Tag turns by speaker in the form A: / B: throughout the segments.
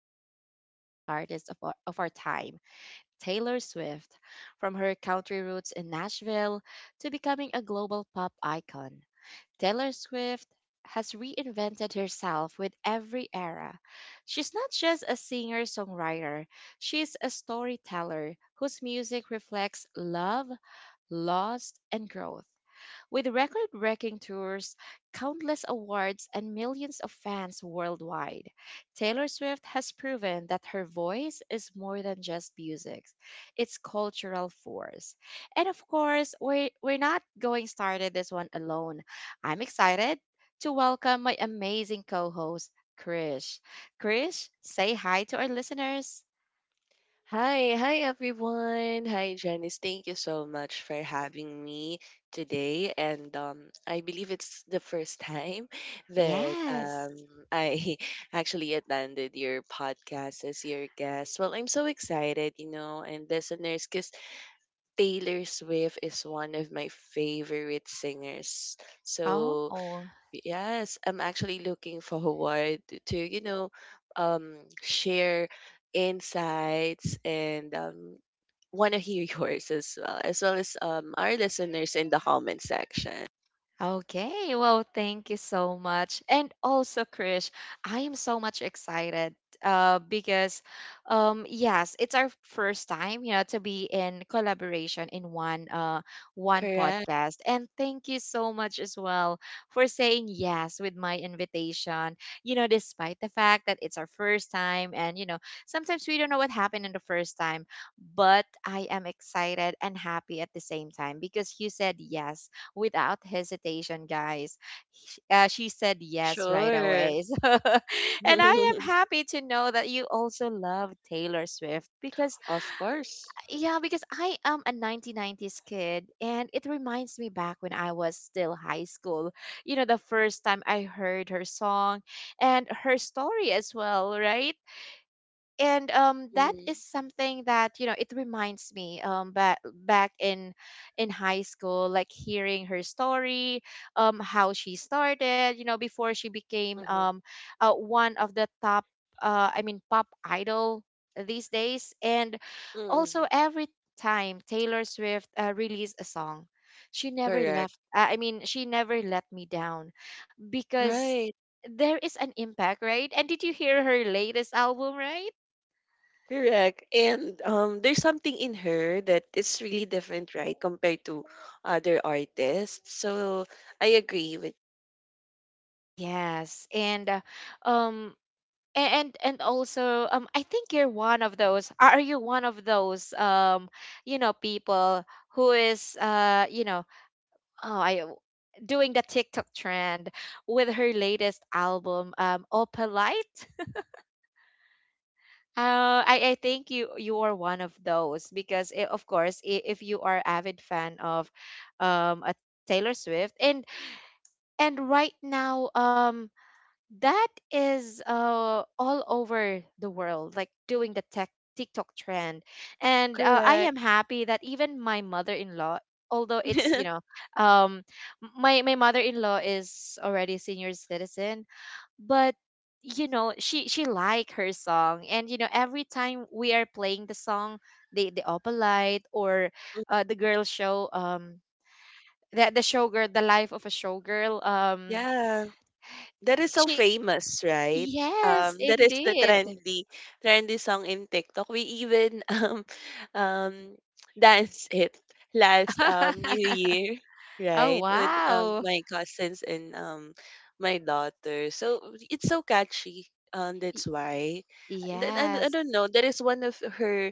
A: most influential artist of our time, Taylor Swift, from her country roots in Nashville to becoming a global pop icon. Taylor Swift has reinvented herself with every era. She's not just a singer songwriter, she's a storyteller whose music reflects love, loss, and growth. With record breaking tours, countless awards, and millions of fans worldwide, Taylor Swift has proven that her voice is more than just music, it's cultural force. And of course, we're not going started this one alone. I'm excited to welcome my amazing co host, Krish. Krish, say hi to our listeners.
B: Hi, hi everyone. Hi Janice. Thank you so much for having me today. And I believe it's the first time that
A: Yes.
B: I actually attended your podcast as your guest. Well, I'm so excited, you know, and listeners, because Taylor Swift is one of my favorite singers. So
A: Oh.
B: yes, I'm actually looking forward to, share insights and want to hear yours as well, as well as our listeners in the comment section.
A: Okay, well, thank you so much. And also, Krish, I am so much excited because, yes, it's our first time, you know, to be in collaboration in one
B: Correct.
A: podcast. And thank you so much as well for saying yes with my invitation. You know, despite the fact that it's our first time, and you know, sometimes we don't know what happened in the first time, but I am excited and happy at the same time because you said yes without hesitation, guys. She said yes right
B: Sure.
A: away. So, and I am happy to know that you also love Taylor Swift because,
B: Of course.
A: yeah, because I am a 1990s kid and it reminds me back when I was still high school. You know, the first time I heard her song and her story as well, right? And that
B: hmm
A: is something that you know it reminds me back in high school, like hearing her story, how she started, you know, before she became
B: hmm
A: one of the top I mean pop idol these days. And also
B: hmm
A: every time Taylor Swift released a song, she never
B: Correct.
A: left I mean she never let me down because
B: Right.
A: there is an impact, right? And did you hear her latest album, right?
B: Correct. And there's something in her that is really different, right, compared to other artists. So I agree with
A: Yes, and um and also I think you're one of those. Are you one of those you know people who is you know, oh I doing the TikTok trend with her latest album, Opalite. I think you are one of those because I of course if you are avid fan of a Taylor Swift. And right now that is all over the world, like doing the tech TikTok trend. And I
B: correct.
A: am happy that even my mother-in-law, although it's you know, um, my mother-in-law is already a senior citizen. But you know, she like her song, and you know every time we are playing the song, the opalite or the girl show the showgirl the life of a showgirl,
B: Yeah, that is so
A: she.
B: famous, right?
A: Yes,
B: That is the
A: indeed.
B: trendy song in TikTok. We even um, danced it last New Year,
A: Oh,
B: right? With
A: wow.
B: my cousins and my daughter. So it's so catchy. That's
A: Y-
B: why. And I
A: Yes.
B: don't know. That is one of her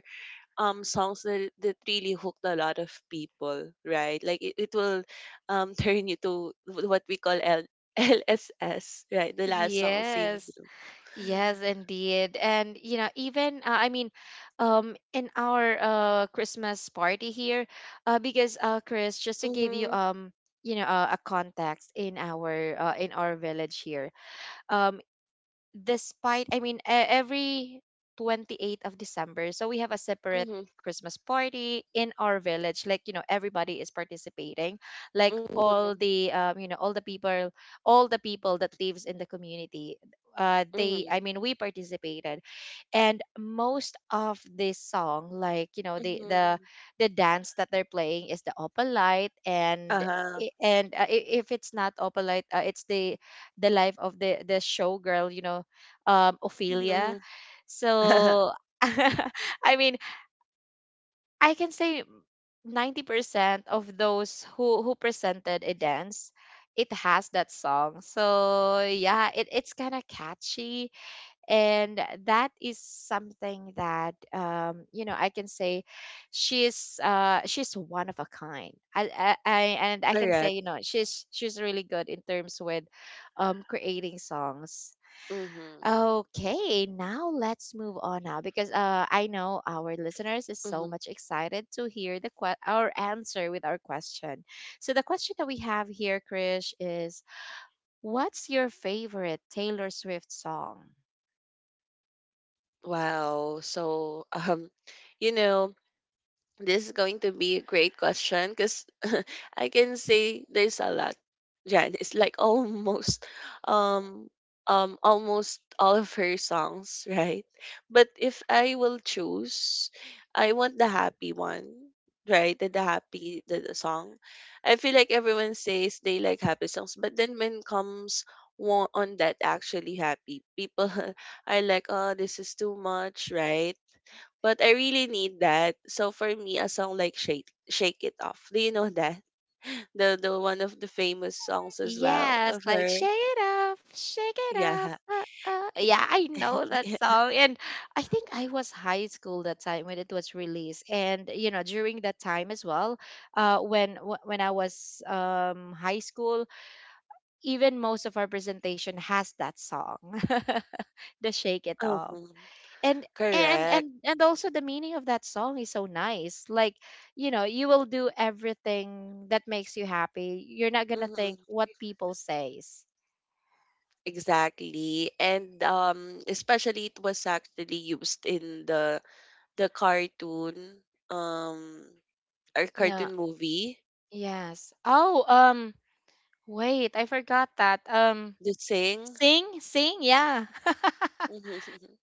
B: songs that really hooked a lot of people, right? Like it will turn you to what we call LSS, right? The last song
A: Yes.
B: syndrome.
A: Yes, indeed. And you know, even I mean, in our Christmas party here, because Chris, just to give you
B: Mm-hmm.
A: you know a context in our village here, um despite I mean every 28th of December, so we have a separate
B: Mm-hmm.
A: Christmas party in our village. Like you know, everybody is participating. Like
B: Mm-hmm.
A: all the you know, all the people that lives in the community. They
B: Mm-hmm.
A: I mean we participated, and most of this song, like you know the the
B: Mm-hmm.
A: the dance that they're playing is the opalite and.
B: Uh-huh.
A: And if it's not opalite, it's the life of the showgirl, you know, Ophelia.
B: Mm-hmm.
A: So, I mean, I can say 90% of those who presented a dance, it has that song. So, yeah, it's kind of catchy. And that is something that, you know, I can say she's one of a kind. I And I can say
B: Correct.
A: you know she's really good in terms with creating songs.
B: Mm-hmm.
A: Okay, now let's move on now because I know our listeners is so
B: Mm-hmm.
A: much excited to hear our answer with our question. So the question that we have here, Krish, is what's your favorite Taylor Swift song?
B: Wow. You know, This is going to be a great question because I can say there's a lot. Yeah, it's like um almost all of her songs, right? But if I will choose, I want the happy one, right? The song. I feel like everyone says they like happy songs, but then when comes on that actually happy people are like, oh, this is too much, right? But I really need that. So for me, a song like Shake It Off. Do you know that? The one of the famous songs as well
A: Yes,
B: of
A: like
B: her.
A: shake it off, shake it
B: Yeah.
A: off. Yeah, I know that song. And I think I was high school that time when it was released. And you know, during that time as well, when I was high school, even most of our presentation has that song. The shake it off.
B: hmm
A: And
B: Correct.
A: and also the meaning of that song is so nice, like you know you will do everything that makes you happy, you're not gonna
B: hmm
A: think what people says.
B: Exactly. And especially it was actually used in the cartoon or
A: Yeah,
B: cartoon movie,
A: yes oh um wait, I forgot that
B: the sing.
A: sing, sing, yeah.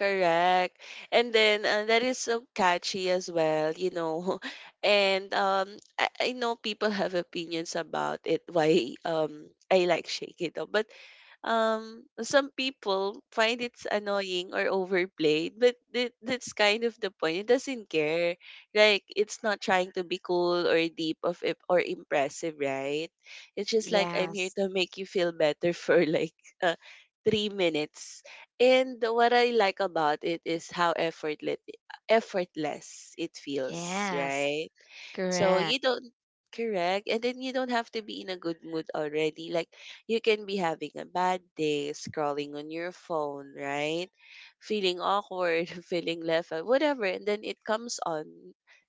B: Correct. And then that is so catchy as well, you know. And I know people have opinions about it, why I like Shake It Up, but some people find it's annoying or overplayed, but that's kind of the point. It doesn't care, like it's not trying to be cool or deep of it or impressive, right? It's just like, I'm here
A: Yes.
B: to make you feel better for like uh, 3 minutes. And what I like about it is how effortless it feels,
A: Yes.
B: right? So
A: Correct.
B: you don't correct, and then you don't have to be in a good mood already. Like you can be having a bad day, scrolling on your phone, right? Feeling awkward, feeling left out, whatever, and then it comes on.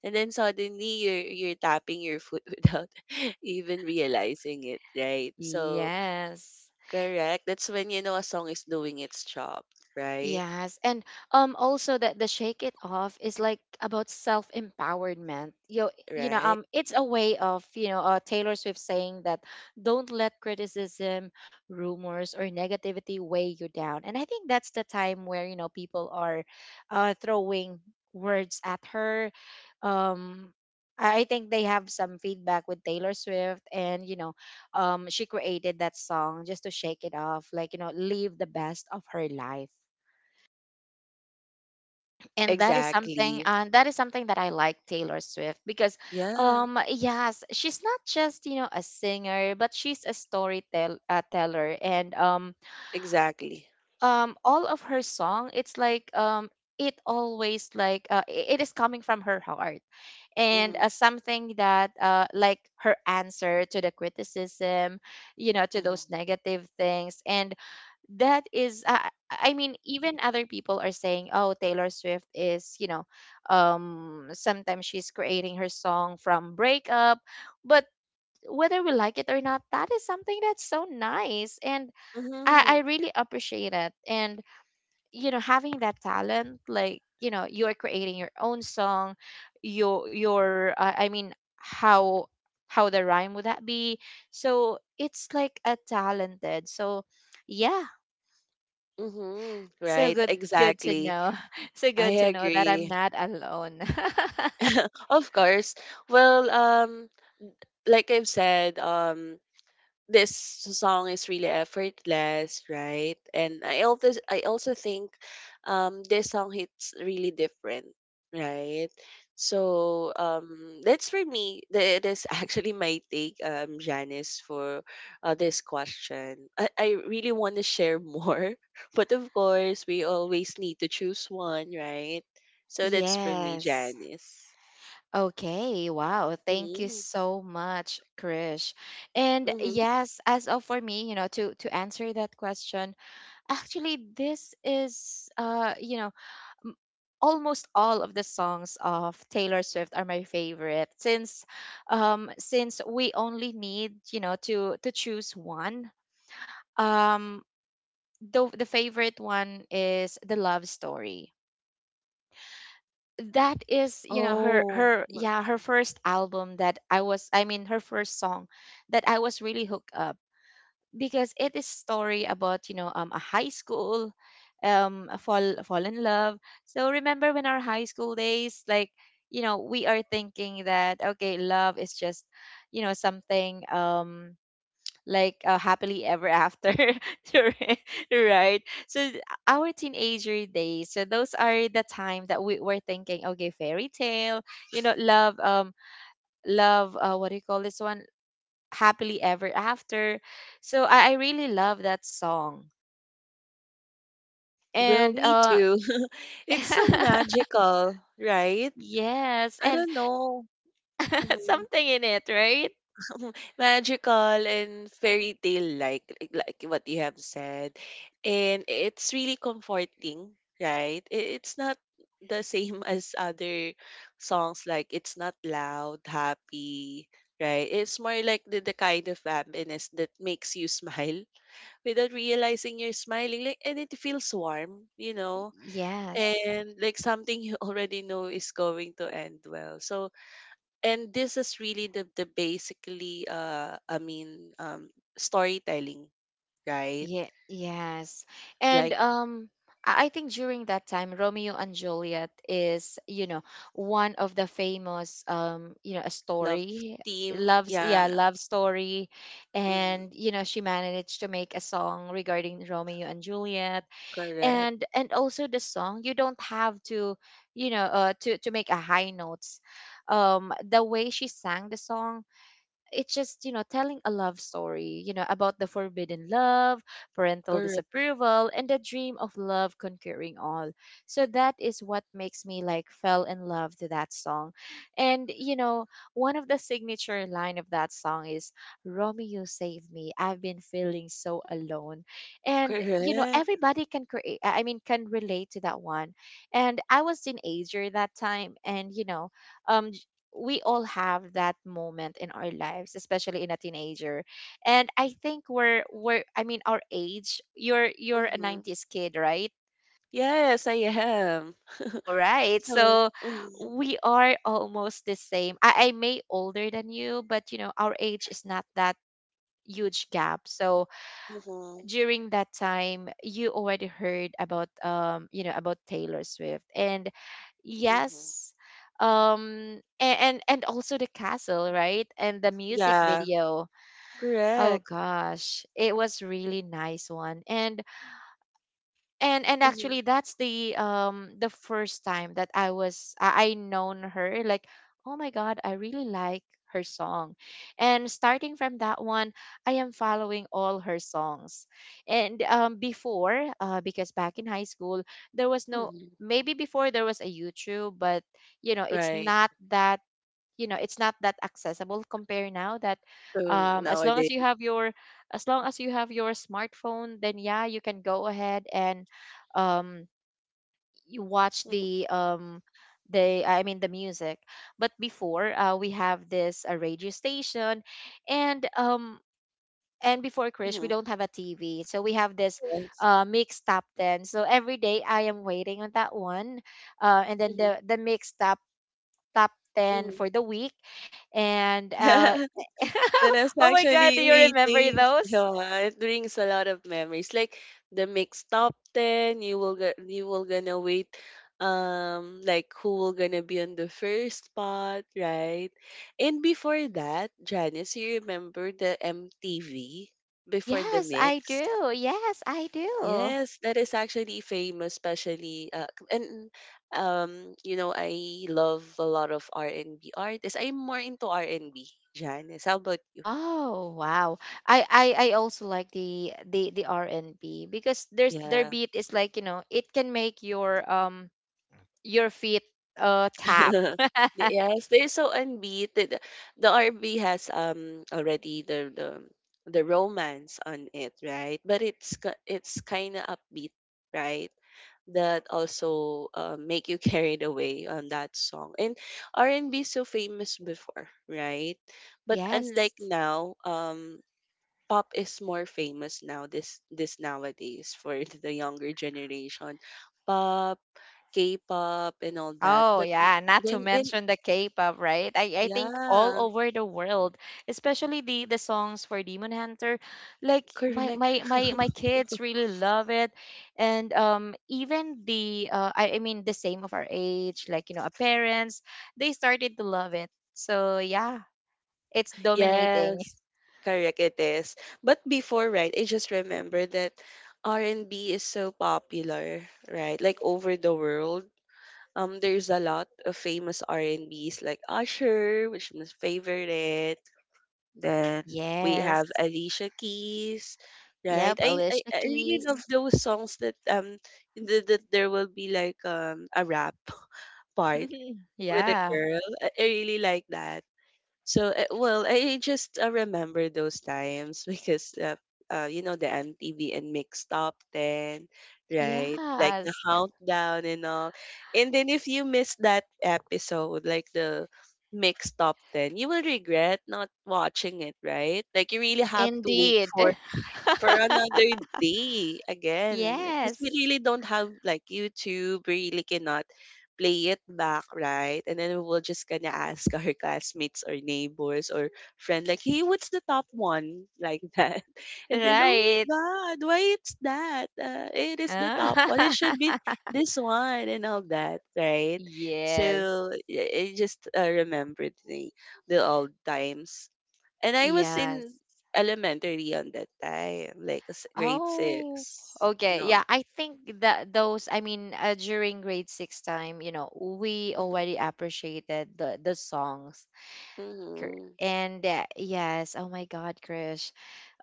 B: And then suddenly you're tapping your foot without even realizing it, right? So
A: Yes.
B: correct. That's when you know a song is doing its job, right?
A: Yes, and also that the shake it off is like about self empowerment. You know
B: Right.
A: it's a way of you know Taylor Swift saying that don't let criticism, rumors or negativity weigh you down. And I think that's the time where you know people are throwing words at her. Um I think they have some feedback with Taylor Swift, and you know she created that song just to shake it off, like you know, live the best of her life. And that is something
B: Exactly.
A: that I like Taylor Swift because
B: Yeah.
A: yes, she's not just you know a singer, but she's a storyteller teller. And
B: Exactly.
A: all of her song, it's like it always, like it is coming from her heart. And
B: Mm-hmm.
A: something that like her answer to the criticism, you know, to
B: Mm-hmm.
A: those negative things. And that is, I mean, even other people are saying, oh, Taylor Swift is you know sometimes she's creating her song from breakup. But whether we like it or not, that is something that's so nice. And i
B: Mm-hmm.
A: i really appreciate it. And you know, having that talent, like you know you're creating your own song, your I mean, how the rhyme would that be. So it's like a talented, so yeah.
B: Mm-hmm.
A: So
B: Right,
A: good, good to
B: exactly.
A: know. So good
B: I
A: to know that I'm
B: agree.
A: not alone.
B: Of course. Well, like I've said, this song is really effortless, right? And I also think this song hits really different, right? So that's for me. That is actually my take, Janice, for this question. I really want to share more, but of course we always need to choose one, right? So that's for me,
A: Yes.
B: Janice.
A: Okay. Wow. Thank you
B: Mm-hmm.
A: so much, Krish. And
B: Mm-hmm.
A: yes, as of for me, you know, to answer that question, actually, this is you know, m- almost all of the songs of Taylor Swift are my favorite. Since since we only need, you know, to choose one. Um, the favorite one is the love story. That is you know her
B: Oh,
A: her yeah her first album that I was I mean her first song that I was really hooked up because it is story about you know a high school a fall in love. So remember when our high school days, like you know we are thinking that okay love is just, you know, something like happily ever after. right right? so th- our teenager days, so those are the time that we were thinking, okay, fairy tale, you know, love love what do you call this one, happily ever after. So I really love that song.
B: well,
A: And
B: me
A: uh,
B: too. It's so magical, right?
A: yes.
B: I
A: And
B: don't know. Mhm.
A: something in it, right?
B: Magical and fairy tale, like what you have said. And it's really comforting, right? It's not the same as other songs. Like it's not loud, happy, right? It's more like the kind of happiness that makes you smile without realizing you're smiling, like, and it feels warm, you know?
A: Yes.
B: And like something you already know is going to end well. So, and this is really the basically storytelling, right?
A: Yeah, yes. And
B: Like
A: um, I think during that time Romeo and Juliet is, you know, one of the famous you know, a
B: love
A: story.
B: team,
A: Loves
B: yeah.
A: Yeah, love story.
B: mm,
A: And you know, she managed to make a song regarding Romeo and Juliet.
B: Correct.
A: And also the song, you don't have to, you know, to make a high notes. Um, the way she sang the song, it's just, you know, telling a love story, you know, about the forbidden love, parental
B: Correct.
A: disapproval, and the dream of love conquering all. So that is what makes me like fell in love to that song. And you know, one of the signature line of that song is, Romeo, save me, I've been feeling so alone. And you know,
B: Correct.
A: everybody can create I mean can relate to that one. And I was teenager that time, and you know, um we all have that moment in our lives, especially in a teenager. And I think we're I mean our age, you're a
B: hmm
A: 90s kid, right?
B: yes, I am.
A: All right,
B: So,
A: so
B: mm-hmm,
A: we are almost the same. I may older than you, but you know our age is not that huge gap. So
B: mm-hmm,
A: during that time, you already heard about you know about Taylor Swift. And
B: mm-hmm.
A: yes, um, and also the castle, right, and the music
B: Yeah,
A: video. Oh
B: correct.
A: gosh, it was really nice one. And
B: Mm-hmm,
A: actually that's the first time that I was I known her, like, oh my god, I really like her song, and starting from that one I am following all her songs. And before because back in high school there was no...
B: mm-hmm.
A: maybe before there was a YouTube, but you know it's
B: Right,
A: not that, you know, it's not that accessible compare now that,
B: so
A: as long as
B: nowadays
A: you have your... as long as you have your smartphone, then yeah, you can go ahead and um, you watch
B: mm-hmm,
A: the the music. But before, we have this a radio station. And before Krish, we
B: mm-hmm,
A: don't have a TV. So we have this
B: yes,
A: mixed top 10. So every day I am waiting on that one. And then
B: mm-hmm,
A: the mixed top top 10
B: mm-hmm.
A: for the week. And
B: Yeah, when I was
A: oh my God,
B: actually
A: do you remember
B: waiting,
A: those?
B: yeah, it brings a lot of memories. Like the mixed top ten, you will get, you will gonna wait, like who will gonna be on the first spot, right? And before that, Janice, you remember the MTV before the
A: Yes, I
B: mix?
A: do. Yes, I do.
B: Yes, that is actually famous, especially and you know, I love a lot of R and B artists. I'm more into R and B, Janice. How about you?
A: Oh wow. I also like the R&B because there's their
B: Yeah.
A: beat is like, you know, it can make your feet tap.
B: The- Yes, they're so unbeaten. The RB has already the the romance on it, right? But it's kind of upbeat, right? That also make you carried away on that song. And R&B so famous before, right? But
A: Yes.
B: unlike now, pop is more famous now, this nowadays for the younger generation, pop k-pop and all that.
A: Oh
B: But
A: yeah, not to
B: when in
A: mention the K-pop, right? I think all
B: yeah
A: over the world, especially the songs for Demon Hunter, like my
B: correct
A: my my my kids really love it, and even the the same of our age, like you know our parents, they started to love it. So yeah, it's dominating.
B: yes correct it is but before, right? I just remember that R&B is so popular, right? Like over the world. There's a lot of famous R&B's like Usher, which is my favorite. Then we
A: Yes.
B: have Alicia Keys, right?
A: Yep. Alicia
B: I really love
A: Keys.
B: those songs that that there will be like a rap part with a
A: yeah.
B: girl. I really like that. So, well, I just remember those times because, you know, the MTV and Mix Top 10, right? Like the
A: Yes.
B: countdown and all. And then if you miss that episode, like the Mix Top 10, you will regret not watching it, right? Like you really have to wait
A: Indeed.
B: for another day again, because we
A: Yes.
B: really don't have like YouTube. We really cannot play it back, right? And then we will just gonna ask our classmates or neighbors or friend like, "Hey, what's the top one?" Like that, and then, oh my
A: Right.
B: god, why it's that? It is the top one. It
A: Ah.
B: should be this one and all that, right?
A: Yes.
B: So it just remembered the old times. And I was in
A: Yes.
B: elementary on that time, like grade six.
A: Oh, okay.
B: No.
A: Yeah, I think that those, during grade 6 time, you know, we
B: Mhm.
A: already appreciated the songs. Cor-
B: Mhm.
A: And yes, oh my God, Krish,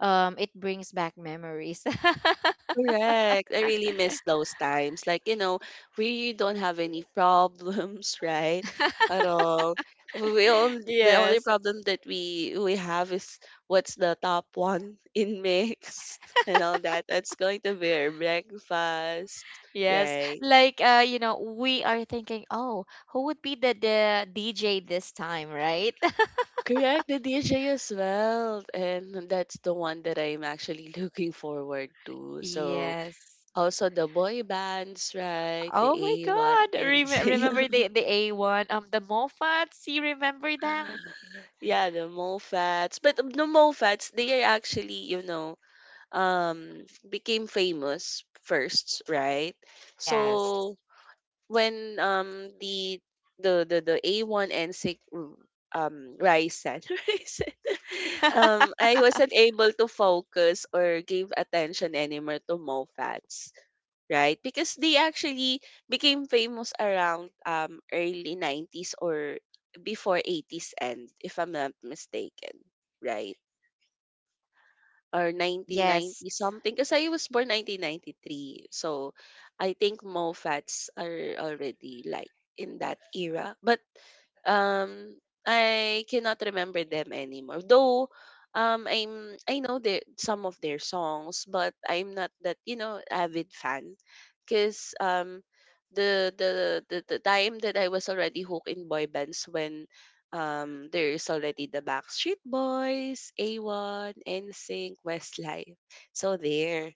A: it brings back memories.
B: Correct. I really miss those times. Like, you know, we don't have any problems, right? At all. The only
A: Yes.
B: problem that we have is what's the top one in mix and all that. That's going to be our breakfast,
A: Yes.
B: right?
A: Like you know, we are thinking, oh, who would be the DJ this time, right?
B: Correct, the DJ as well. And that's the one that I'm actually looking forward to. So
A: Yes.
B: also the boy bands, right? The
A: Oh my
B: A1
A: God.
B: and
A: Rem- remember the A1 the Moffats? You remember them?
B: yeah, the MoFats. But the MoFats, they are actually, you know, um became famous first, right?
A: Yes.
B: So when the the A1 and six Ryzen, Ryzen I wasn't able to focus or give attention anymore to MoFats, right? Because they actually became famous around early 90's or before 80's end, if I'm not mistaken, right? Or
A: Yes.
B: 1990 something, because I was born 1993. So I think MoFats are already like in that era. But um I cannot remember them anymore. Though I know the some of their songs, but I'm not that, you know, avid fan because the time that I was already hooked in boy bands when there's already the Backstreet Boys, A1, NSYNC, Westlife. So there.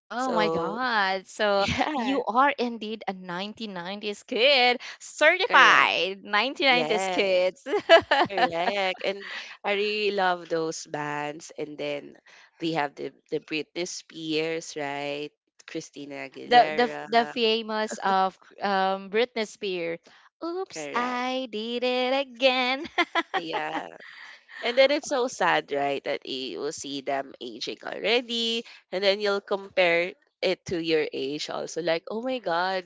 A: Oh my
B: So
A: God. So
B: yeah,
A: you are indeed a 1990s kid,
B: correct.
A: certified 1990s
B: Yeah,
A: kids.
B: correct. And I really love those bands. And then we have the Britney Spears, right? Christina
A: The
B: Aguilera.
A: famous of Britney Spears. Oops,
B: Correct.
A: I did it again.
B: Yeah. And then it's so sad, right? That you will see them aging already. And then you'll compare it to your age also. Like, oh my God,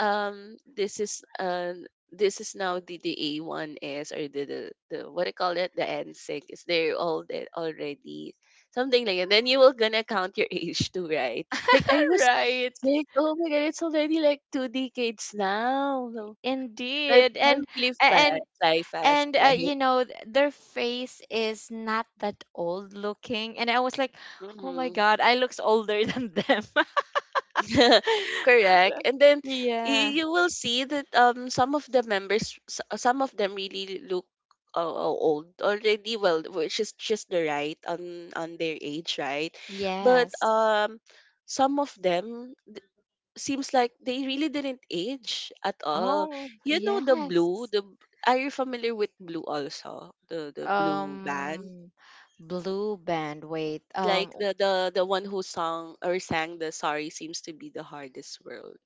B: this is now the A one S or the, what do you call it, the NSYNC is there all that already, something like that? Then you will gonna count your age too, right? Like I was
A: Right.
B: like, oh my god, it's already like two decades now. So that
A: Indeed.
B: time really fast
A: And
B: fly fast,
A: and
B: right?
A: you know th- their face is not that old looking, and I was like, oh my
B: Mm-hmm.
A: God, I looks older than them.
B: Correct. And then
A: yeah.
B: you will see that some of the members some of them really look old already, well, which is just the right on their age, right? But
A: Yes.
B: some of them seems like they really didn't age at all.
A: Oh
B: You know the
A: yes.
B: blue, are you familiar with blue also? The blue band?
A: Um, blue band, wait,
B: Like
A: um...
B: the one who sung or sang the "Sorry Seems to be the Hardest World".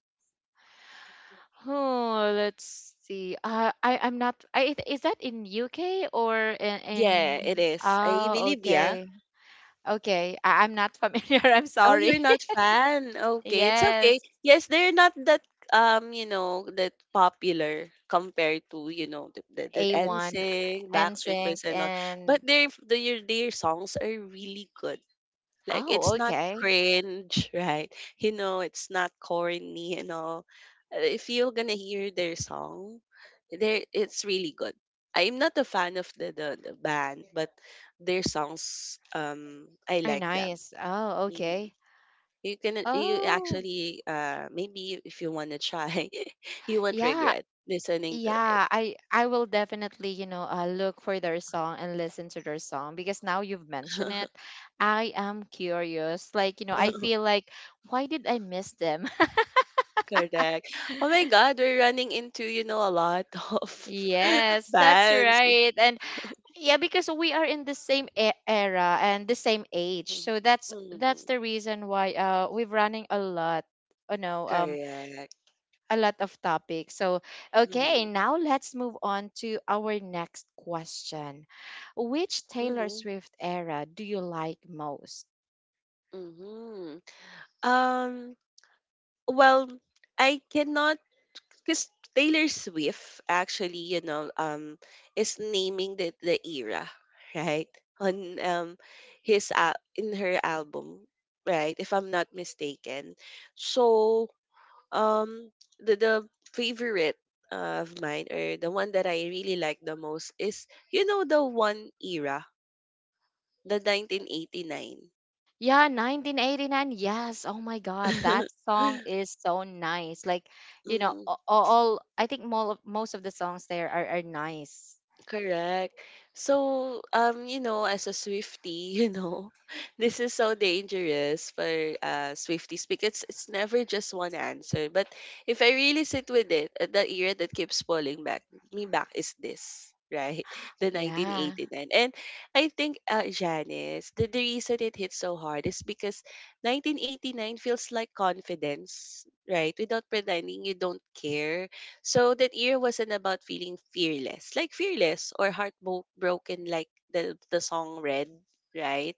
A: oh let's see, I I'm not I, is that in UK, or in,
B: Yeah, it
A: in
B: is. I
A: oh
B: believe, yeah.
A: okay. Okay, I'm not familiar. I'm
B: Oh, you're
A: sorry.
B: not fan. Okay, it's okay.
A: Yes.
B: Yes, they're not that you know, that popular compared to, you know, the
A: A1,
B: NSYNC, Backstreet
A: NSYNC,
B: Boys and all.
A: and
B: But their f- their songs are really good. Like it's
A: oh,
B: not
A: okay.
B: cringe, right? You know, it's not corny and all. If you're gonna hear their song, there it's really good. I'm not a fan of the band, but their songs I
A: Very
B: like them.
A: nice. Oh,
B: Mhm.
A: okay.
B: You can you
A: Oh,
B: actually maybe if you wanna try, you won't
A: yeah,
B: regret listening to it.
A: yeah. I will definitely, you know, look for their song and listen to their song, because now you've mentioned it, I am curious. Like, you know, I feel like, why did I miss them?
B: Correct. Oh my God, we're running into a lot of
A: Yes, that's
B: bands.
A: right. And yeah, because we are in the same e- era and the same age.
B: Mhm.
A: So that's
B: Mhm.
A: that's the reason why we've running a lot, you know um,
B: Correct.
A: a lot of topics. So, okay,
B: Mm-hmm.
A: now let's move on to our next question. Which Taylor
B: Mm-hmm.
A: Swift era do you like most?
B: Mm-hmm. Um, well, I cannot because Taylor Swift actually, is naming the era, right? On his al in her album, right? If I'm not mistaken. So um the favorite of mine or the one that I really like the most is the one era, the 1989.
A: Yeah, 1989. Yes. Oh my God, that song is so nice. Like, you know,
B: Mhm.
A: a- all, I think most of the songs there are nice.
B: Correct. So, you know, as a Swifty, you know, this is so dangerous for Swifties because it's never just one answer. But if I really sit with it, the era that keeps pulling back is this, right? The
A: Yeah.
B: 1989. And I think Janice, the reason it hits so hard is because 1989 feels like confidence, right? Without pretending you don't care. So that year wasn't about feeling fearless, like fearless or heartbroken, like the song read, right?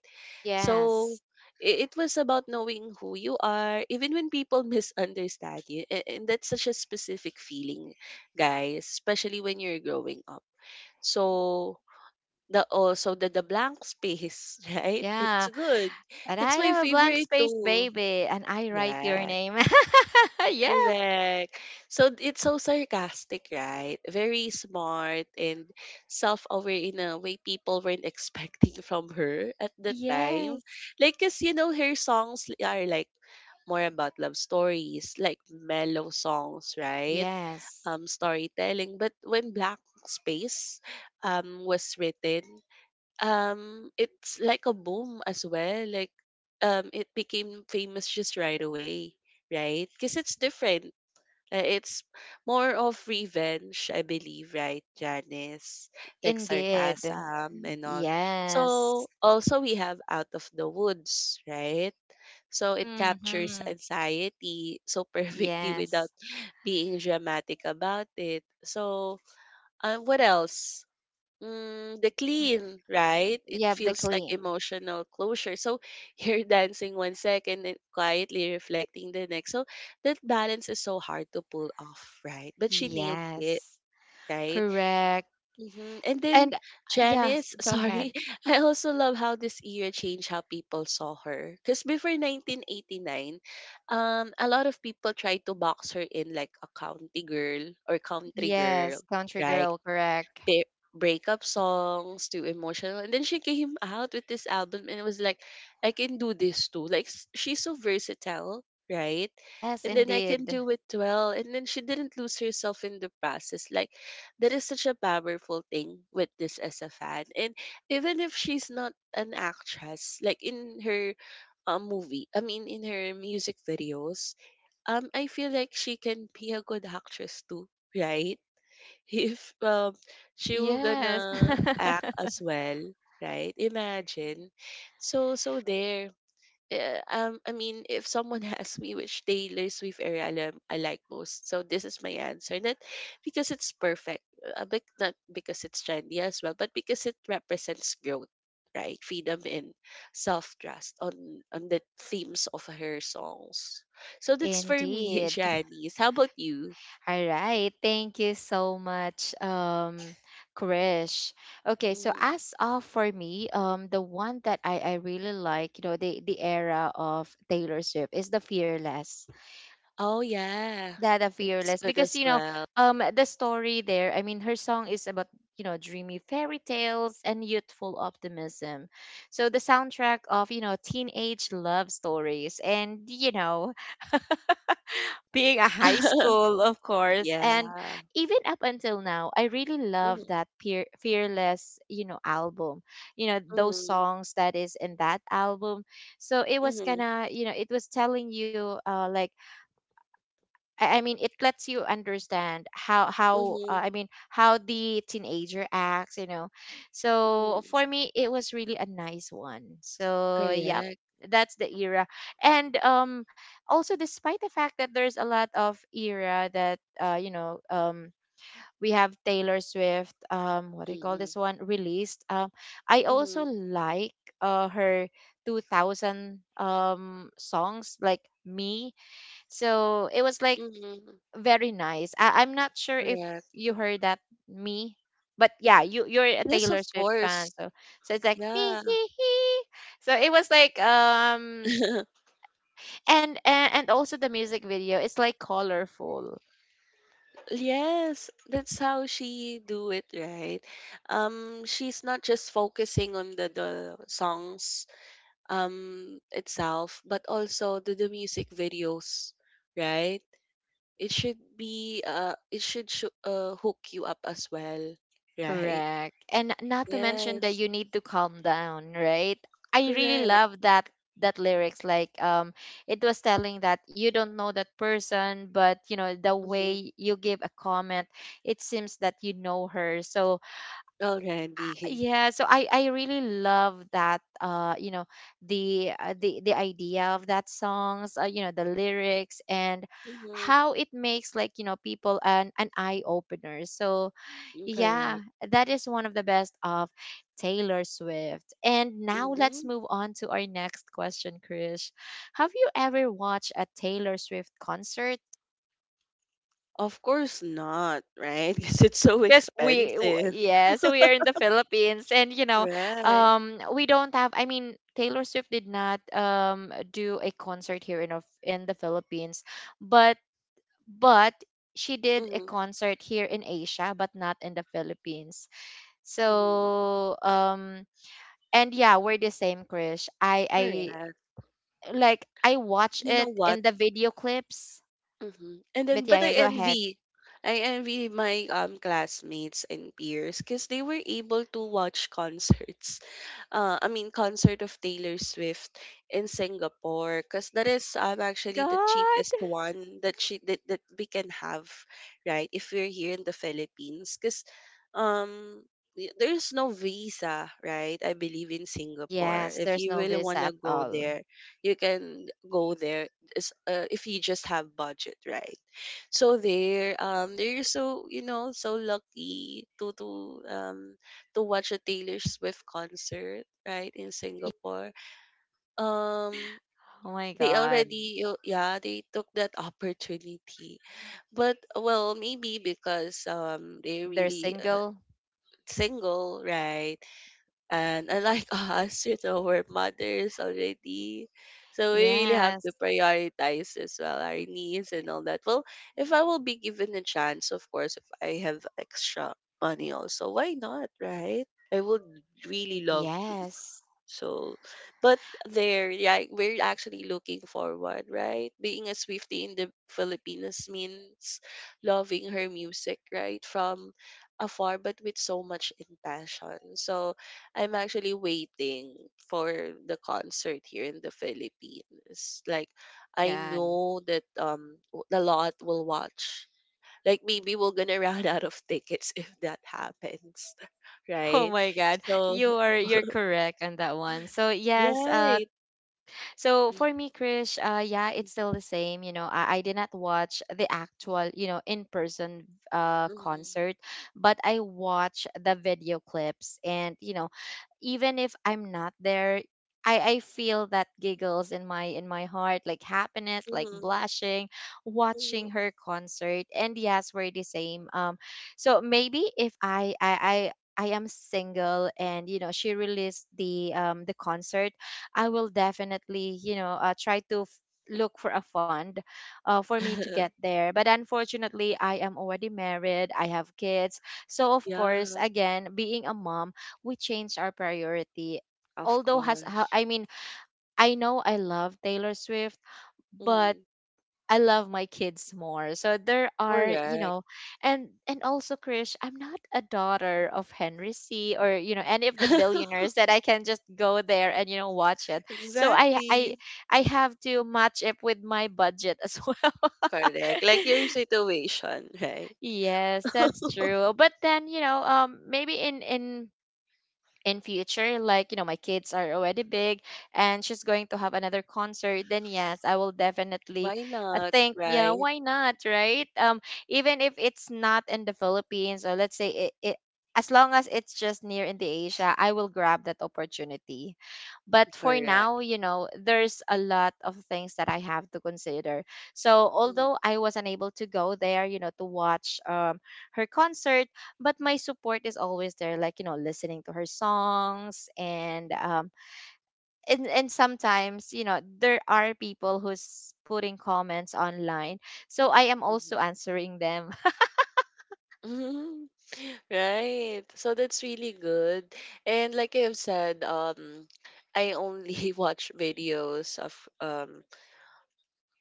B: So
A: Yes.
B: it was about knowing who you are, even when people misunderstand you, and that's such a specific feeling, guys, especially when you're growing up. So the also the blank space, right? It's
A: Yeah.
B: good.
A: And I
B: That's my
A: am a blank
B: favorite
A: space
B: too.
A: baby and I write your
B: Yeah.
A: name. yes.
B: Correct. So it's so sarcastic, right? Very smart and self-aware in a way people weren't expecting from her at the time.
A: Yes.
B: Like, cause you know her songs are like more about love stories, like mellow songs, right?
A: Yes.
B: Storytelling. But when Black Space was written, it's like a boom as well, like it became famous just right away, right? Because it's different. It's more of revenge, I believe, right, Janice? Like
A: Indeed.
B: sarcasm and all. So
A: Yes.
B: also we have Out of the Woods, right? So it captures
A: Mm-hmm.
B: anxiety so perfectly without
A: Yes.
B: being dramatic about it. So what else? Mm, the
A: Mm.
B: clean, right? It
A: Yep, the
B: feels like
A: clean.
B: emotional closure. So you're dancing one second and quietly reflecting the next. So that balance is so hard to pull off, right? But she nailed it,
A: Yes.
B: right?
A: Correct.
B: Hmm. And then
A: And yes,
B: Janice,
A: go ahead.
B: sorry, I also love how this era changed how people saw her. Because before 1989, a lot of people tried to box her in like a county girl or country girl.
A: Yes, country
B: Right,
A: girl, correct.
B: breakup songs to emotional, and then she came out with this album and it was like, I can do this too, like she's so versatile, right?
A: Yes,
B: And then I can
A: indeed.
B: do it well, and then she didn't lose herself in the process. Like that is such a powerful thing with this as a fan. And even if she's not an actress, like in her movie I mean in her music videos, I feel like she can be a good actress too, right? If she will
A: Yes.
B: gonna act as well, right? Imagine. So so there I mean if someone asks me which Taylor Swift era I like most, so this is my answer. Not because it's perfect, but not because it's trendy as well, but because it represents growth, right? Freedom and self-trust on the themes of her songs. So that's for me.
A: Indeed.
B: Janice, how about you?
A: All right. Thank you so much, Krish. Okay, so
B: Mm.
A: as of for me, the one that I really like, you know, the era of Taylor Swift is the Fearless.
B: Oh, yeah.
A: That the
B: It's
A: Fearless.
B: good
A: Because,
B: as
A: you know,
B: well.
A: the story there, I mean her song is about, you know, dreamy fairy tales and youthful optimism. So the soundtrack of, you know, teenage love stories and, you know, being a high school, of course.
B: Yeah.
A: And even up until now, I really love
B: Mhm,
A: that peer, Fearless, you know, album. You know, those
B: mhm,
A: songs that is in that album. So it was kind
B: mhm,
A: of, you know, it was telling you like it lets you understand how
B: mhm,
A: I mean how the teenager acts, you know. So for
B: mhm.
A: me, it was really a nice one. So yep,
B: Correct.
A: that's the era. And also despite the fact that there's a lot of era that you know um, we have Taylor Swift um, what do you call
B: Mhm,
A: this one released um, I also
B: mhm,
A: like her 2000 songs like me, so it was like
B: mhm.
A: very nice. I- I'm not sure if
B: Correct.
A: you heard that me, but yeah, you you're a
B: Yes, of
A: Taylor Swift fan,
B: course.
A: so so it's like me
B: Yeah.
A: he he. So it was like um, and also the music video is like colorful.
B: Yes, that's how she do it, right? She's not just focusing on the songs itself, but also the music videos, right? It should be, it should sho hook you up as well, right?
A: Correct. And not to mention that
B: Yes,
A: you need to calm down, right? I really
B: correct.
A: love that that lyrics like um, it was telling that you don't know that person, but you know the
B: Mm-hmm.
A: way you give a comment, it seems that you know her. So
B: Already.
A: yeah, so i really love that uh, you know, the idea of that songs you know, the lyrics, and
B: Mm-hmm.
A: how it makes like you know people an eye opener. So
B: Mm,
A: yeah,
B: correct.
A: that is one of the best of Taylor Swift. And now let's
B: Mm-hmm.
A: move on to our next question, Krish. Have you ever watched a Taylor Swift concert?
B: Of course not, right? Because it's so
A: Yes,
B: expensive,
A: yeah, so we are in the Philippines, and you know,
B: right?
A: um, we don't have, I mean Taylor Swift did not do a concert here in of in the Philippines, but but she did a
B: Mm-hmm.
A: concert here in Asia but not in the Philippines.
B: Mm-hmm.
A: So um, and yeah, we're the same, Krish. I
B: Correct.
A: like, I watch
B: You know
A: it
B: what?
A: in the video clips.
B: Mm-hmm. And
A: But
B: then,
A: yeah,
B: but
A: yeah, go ahead.
B: I envy my classmates and peers because they were able to watch concerts, I mean, concert of Taylor Swift in Singapore, because that is
A: Oh my
B: actually the cheapest
A: God.
B: one that that we can have, right? If we're here in the Philippines, because um, there's no visa, right? I believe in Singapore.
A: Yes,
B: If
A: there's
B: you
A: no
B: really
A: visa
B: want to
A: at
B: go
A: all.
B: there, you can go there if you just have budget, right? So there, they're so you know so lucky to um to watch a Taylor Swift concert, right, in Singapore. Um,
A: Oh my
B: they
A: God.
B: already, yeah, they took that opportunity. But, well, maybe because they're
A: They're
B: really
A: single.
B: single, right? And unlike us, you know, we're mothers already. So we really have to
A: Yes.
B: prioritize as well our needs and all that. Well, if I will be given a chance, of course, if I have extra money also, why not, right? I would really love to.
A: Yes.
B: So, but there, yeah, we're actually looking forward, right? Being a Swiftie in the Philippines means loving her music, right? From afar, but with so much passion. So, I'm actually waiting for the concert here in the Philippines. Like,
A: My
B: I
A: God.
B: know that a lot will watch. Like, maybe we're gonna run out of tickets if that happens,
A: Oh
B: right?
A: my God.
B: So,
A: You're correct on that one. So yes, uh,
B: right.
A: so for me, Krish, yeah, it's
B: Mhm.
A: still the same. You know, I did not watch the actual, you know, in person
B: Mhm.
A: concert, but I watch the video clips. And, you know, even if I'm not there, I feel that giggles in my heart, like happiness, like
B: Mhm.
A: blushing,
B: Mhm.
A: watching her concert. And yes, we're the same. So maybe if I am single, and you know she released the concert, I will definitely, you know, try to f- look for a fund for me to get there. But unfortunately, I am already married, I have kids. So, of course,
B: Yeah,
A: again, being a mom, we change our priority.
B: of
A: Although has ho-
B: course.
A: I know I love Taylor Swift, but
B: Mhm.
A: I love my kids more. So there are, you
B: Correct.
A: know, and also Krish, I'm not a daughter of Henry C or you know any of the billionaires that I can just go there and you know watch it. So
B: Exactly.
A: I have to match it with my budget as well.
B: Correct. Like your situation, right?
A: yes, that's true. But then you know, maybe in future, like you know my kids are already big and she's going to have another concert, then yes, I will definitely
B: Why not?
A: think yeah
B: Right?
A: why not, right um, even if it's not in the Philippines, or let's say it, it, as long as it's just near in the Asia, I will grab that opportunity. But for
B: Correct.
A: now, you know, there's a lot of things that I have to consider. So
B: Mhm.
A: although I was unable to go there, you know, to watch her concert, but my support is always there, like you know listening to her songs and um, and sometimes you know there are people who's putting comments online, so I am also
B: Mhm.
A: answering them.
B: Mhm. Right. So that's really good. And like I have said, I only watch videos of um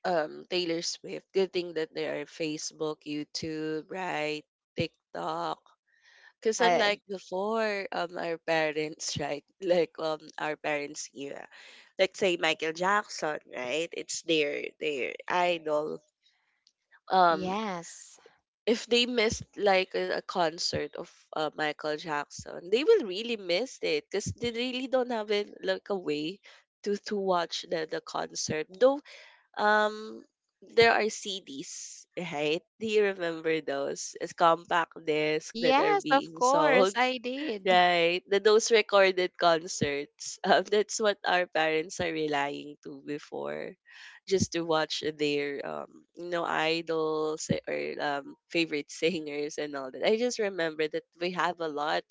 B: Taylor Swift. Good thing that there are Facebook, YouTube, right? TikTok. Because
A: yeah
B: unlike before, our parents, right? Like our parents' era, let's say Michael Jackson, right? It's their idol. Um,
A: yes
B: if they missed like a concert of Michael Jackson, they will really miss it because they really don't have it like a way to watch the concert. Though um, there are CDs, right? Do you remember those? As compact disc that are
A: yes of
B: being
A: course
B: sold.
A: I did
B: Right. The those recorded concerts. That's what our parents are relying to before, just to watch their you know, idols or favorite singers and all that. I just remember that we have a lot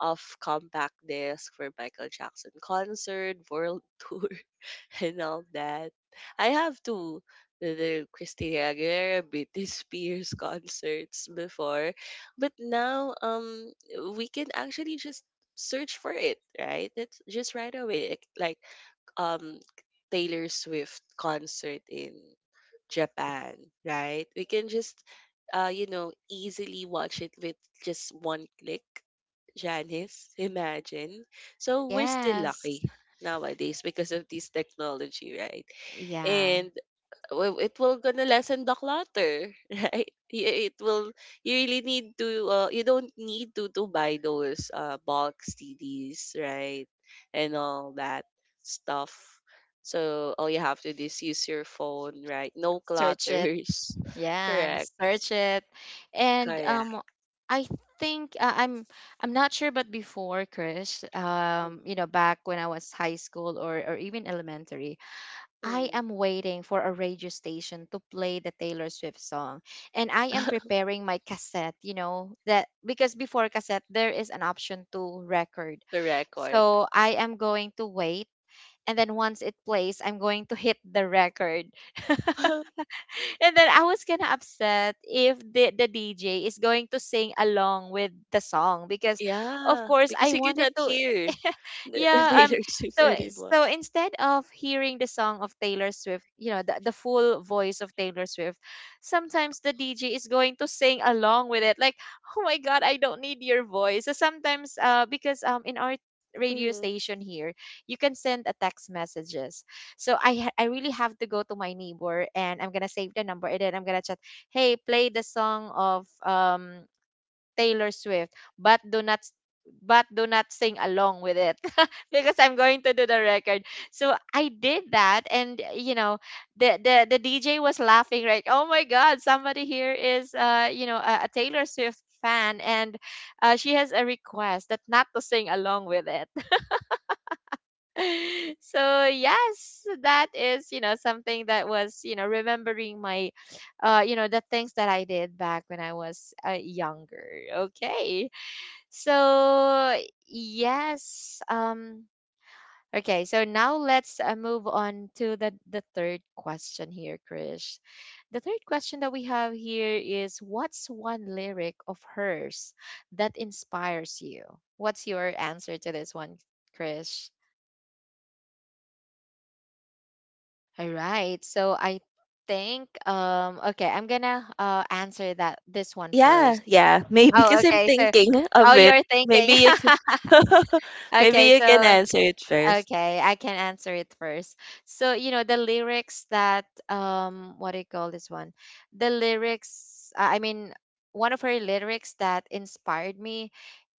B: of compact disc for Michael Jackson concert, world tour. And all that. I have to the Christina Aguilera, Britney Spears concerts before, but now we can actually just search for it, right? It's just right away. Um Taylor Swift concert in Japan, right? We can just you know easily watch it with just one click. Janice, imagine. So we're still
A: yes
B: lucky nowadays because of this technology, right?
A: yeah
B: And well, it will gonna lessen the clutter, right? It will. You really need to. You don't need to buy those bulk CDs, right? And all that stuff. So all you have to do is use your phone, right? No
A: search it.
B: clutters.
A: Yeah, and
B: Correct.
A: search it. And um,
B: Correct.
A: I think I'm not sure, but before Chris, you
B: Mhm.
A: know back when I was high school or even elementary, I
B: Mhm.
A: am waiting for a radio station to play the Taylor Swift song, and I am preparing my cassette, you know, that because before cassette there is an option to record.
B: The record.
A: So I am going to wait, and then once it plays, I'm going to hit the record. And then I was kind of upset if the DJ is going to sing along with the song because, of
B: Yeah,
A: course,
B: because
A: I
B: you
A: wanted
B: cannot
A: to.
B: hear the
A: yeah.
B: Taylor Swift
A: So
B: anymore.
A: so instead of hearing the song of Taylor Swift, you know, the full voice of Taylor Swift, sometimes the DJ is going to sing along with it. Like, oh my God, I don't need your voice. So sometimes, because in our radio
B: Mm.
A: station here, you can send a text messages, so I really have to go to my neighbor, and I'm gonna save the number, and then I'm gonna chat, hey, play the song of Taylor Swift, but do not s- but do not sing along with it, because I'm going to do the record. So I did that, and you know, the DJ was laughing, right? Oh my god, somebody here is a Taylor Swift fan, and she has a request that not to sing along with it. So yes, that is something that was remembering my, the things that I did back when I was younger. Okay. So yes, okay, so now let's move on to the third question here, Krish. The third question that we have here is, what's one lyric of hers that inspires you? What's your answer to this one, Krish? All right. So I think okay, I'm gonna answer that this one
B: Yeah,
A: first.
B: yeah. Maybe
A: Oh,
B: because I'm
A: okay. So
B: thinking
A: oh,
B: of it.
A: you're
B: Maybe
A: thinking.
B: you can, maybe
A: Okay,
B: you can
A: so
B: answer it first.
A: okay, I can answer it first. So, the lyrics that, what do you call this one? The lyrics, I mean, one of her lyrics that inspired me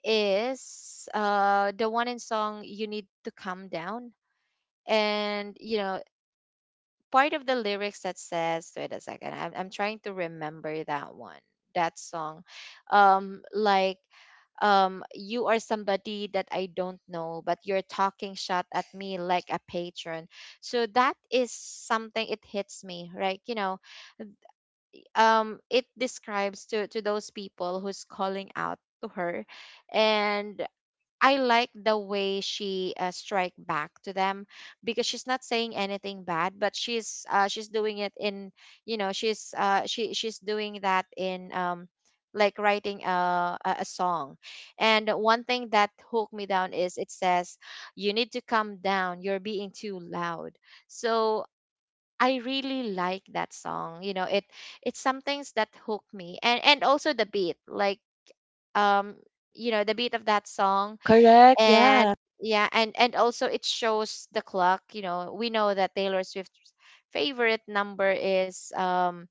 A: is the one in song You Need to Calm Down. And part of the lyrics that says, wait a second, I'm trying to remember that one, that song, like, you are somebody that I don't know, but you're talking shot at me like a patron. So that is something, it hits me, right? It describes to those people who's calling out to her. And I like the way she strike back to them, because she's not saying anything bad, but she's doing it in, she's doing that in, like writing a song. And one thing that hooked me down is it says, you need to calm down, you're being too loud. So I really like that song. It's some things that hooked me, and also the beat, like, um the beat of that song.
B: Correct.
A: And
B: Yeah.
A: yeah, and also it shows the clock. We know that Taylor Swift's favorite number is,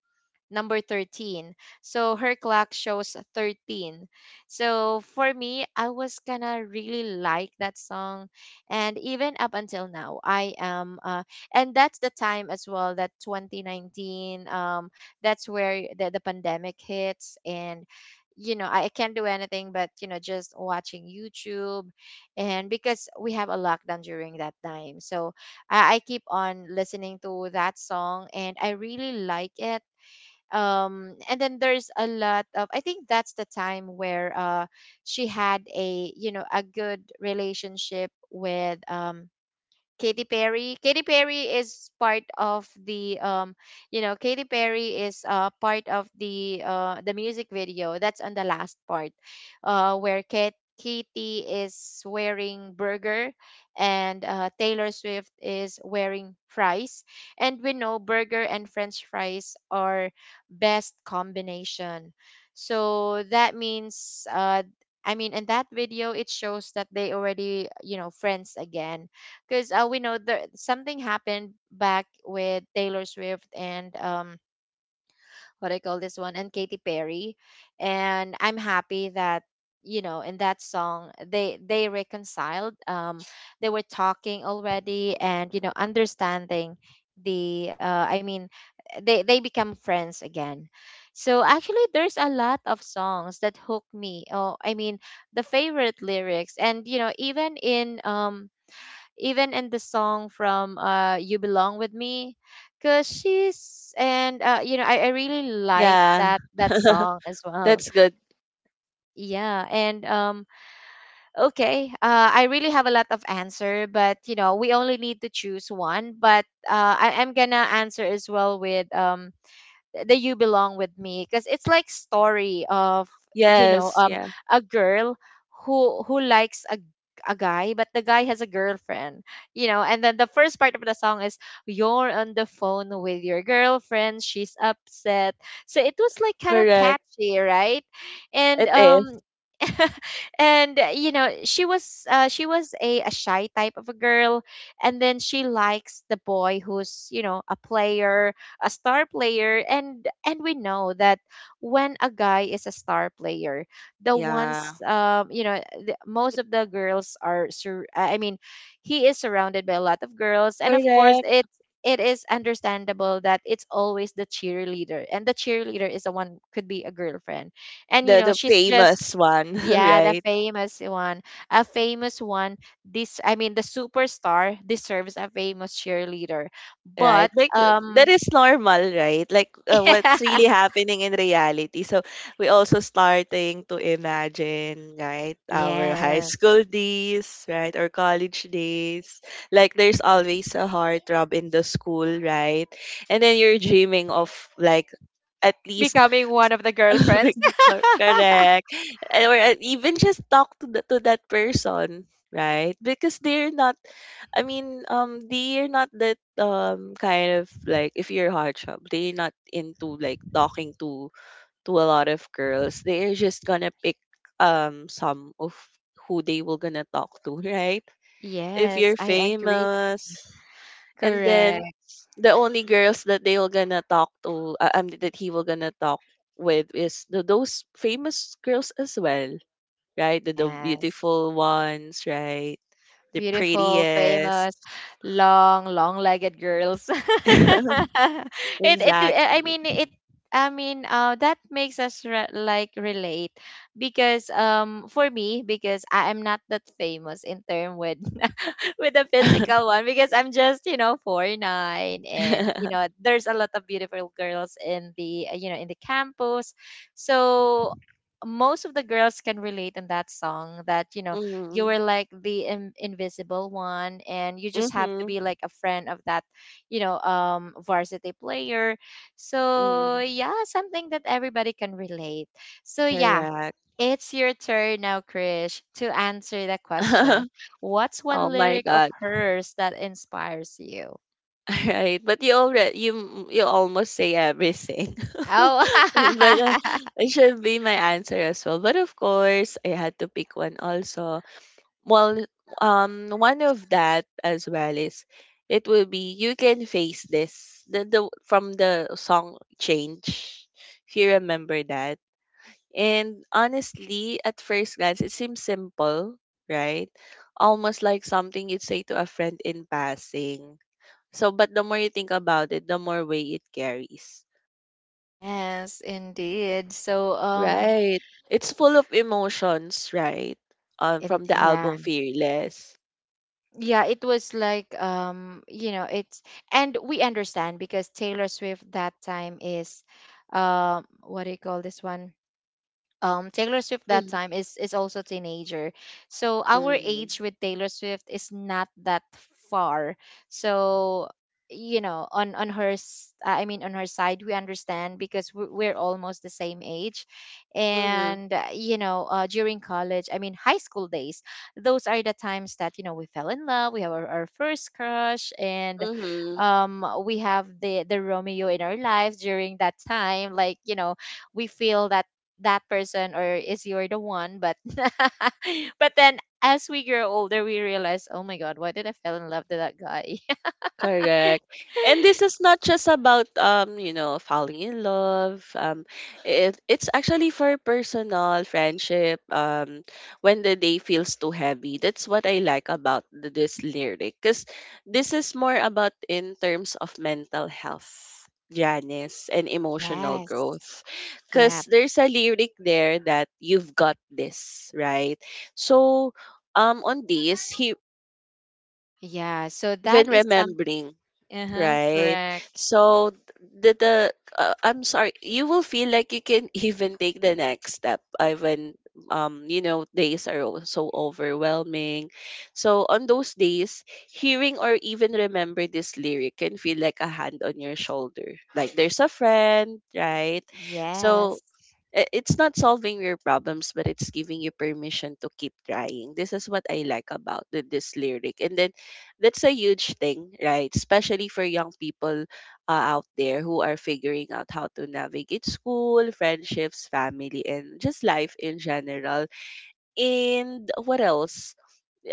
A: number 13. So her clock shows 13. So for me, I was kind of really like that song. And even up until now, I am, and that's the time as well that 2019, that's where the pandemic hits. And, I can't do anything but, just watching YouTube. And because we have a lockdown during that time. So I keep on listening to that song, and I really like it. And then there's a lot of, I think that's the time where she had a, a good relationship with Katy Perry. Katy Perry is part of the, Katy Perry is part of the the music video that's on the last part, where Kate Katy is wearing burger, and Taylor Swift is wearing fries, and we know burger and french fries are best combination. So that means, I mean, in that video it shows that they already, friends again, because we know there something happened back with Taylor Swift and, what I call this one, and Katy Perry. And I'm happy that, in that song they reconciled. They were talking already, and understanding the, I mean, they become friends again. So actually, there's a lot of songs that hook me. Oh, I mean, the favorite lyrics, and, even in, even in the song from, you belong with me, because she's, and I really like
B: Yeah.
A: that song as well.
B: That's good.
A: Yeah, and, okay, I really have a lot of answer, but we only need to choose one. But I'm gonna answer as well with, the you belong with me, because it's like story of, you know
B: Yes.
A: um
B: Yeah.
A: a girl who likes a guy, but the guy has a girlfriend. And then the first part of the song is, you're on the phone with your girlfriend, she's upset, so it was like kind of
B: Correct.
A: catchy, right? And,
B: It is.
A: and, she was a shy type of a girl. And then she likes the boy who's, a player, a star player. And we know that when a guy is a star player, the
B: Yeah.
A: ones, most of the girls are, I mean, he is surrounded by a lot of girls. And of course
B: Correct.
A: it is understandable that it's always the cheerleader, and the cheerleader is the one could be a girlfriend. And,
B: The
A: she's just,
B: famous one,
A: yeah, the
B: right?
A: famous one, a famous one. This I mean, the superstar deserves a famous cheerleader.
B: Right.
A: But,
B: Like that is normal, right? Like what's really happening in reality. So we also starting to imagine, right, our high
A: Yes.
B: school days, right, or college days. Like there's always a heartthrob in the school, right? And then you're dreaming of like at least
A: Becoming one of the
B: big
A: girlfriends.
B: correct. And or even just talk to to that person, right? Because they're not I mean, they're not that kind of like if you're hot shop, they're not into like talking to a lot of girls. They're just gonna pick some of who they will gonna talk to, right? If
A: Yes,
B: you're
A: I agree.
B: famous, and then
A: Correct.
B: the only girls that they were gonna talk to that he will gonna talk with is those famous girls as well, right? The
A: Yes.
B: beautiful ones, right? The
A: Beautiful,
B: prettiest.
A: famous, long, long-legged girls. It, I
B: Exactly.
A: mean, it, I mean, that makes us, re like, relate, because, for me, because I am not that famous in term with, with the physical one, because I'm just, 4'9", and there's a lot of beautiful girls in the, in the campus. So most of the girls can relate in that song, that, you
B: Mm-hmm.
A: were like the, invisible one, and you just have to
B: Mm-hmm.
A: be like a friend of that, varsity player. So yeah, something that everybody can relate. So yeah,
B: Correct.
A: it's your turn now, Krish, to answer the question. What's
B: Oh
A: one
B: my
A: lyric of
B: God.
A: hers that inspires you?
B: Right, but you already you you almost say everything.
A: Oh,
B: But it should be my answer as well. But of course, I had to pick one also. Well, one of that as well is, it will be you can face this. The From the song Change, if you remember that. And honestly, at first glance, it seems simple, right? Almost like something you'd say to a friend in passing but the more you think about it, the more weight it carries.
A: yes, indeed. So,
B: Right. It's full of emotions, right? From the
A: yeah,
B: album Fearless.
A: yeah, it was like, it's, and we understand because Taylor Swift that time is, what do you call this one? Taylor Swift that
B: Mm-hmm.
A: time is also teenager. So our age with Taylor Swift is not that far. So on, I mean, on her side, we understand, because we're almost the same age.
B: Mm-hmm.
A: And, during college, I mean, high school days, those are the times that, we fell in love, we have our first crush. And,
B: Mm-hmm.
A: we have the Romeo in our lives during that time, like, we feel that that person, or is you're the one, but but then as we grow older, we realize, oh my god, why did I fell in love with that guy?
B: Correct. And this is not just about falling in love. It's actually for personal friendship. Um, when the day feels too heavy. That's what I like about this lyric cuz this is more about in terms of mental health, Janice, and emotional
A: Yes.
B: growth.
A: Yeah,
B: Cuz there's a lyric there that you've got this, right? So on this he
A: yeah. So that
B: when
A: is some.
B: remembering,
A: Uh-huh.
B: right?
A: Correct.
B: So the I'm sorry, you will feel like you can even take the next step when you know days are so overwhelming. So on those days, hearing or even remember this lyric can feel like a hand on your shoulder, like there's a friend, right?
A: Yes.
B: So it's not solving your problems, but it's giving you permission to keep trying. This is what I like about this lyric, and then that's a huge thing, right, especially for young people out there who are figuring out how to navigate school, friendships, family, and just life in general. And what else,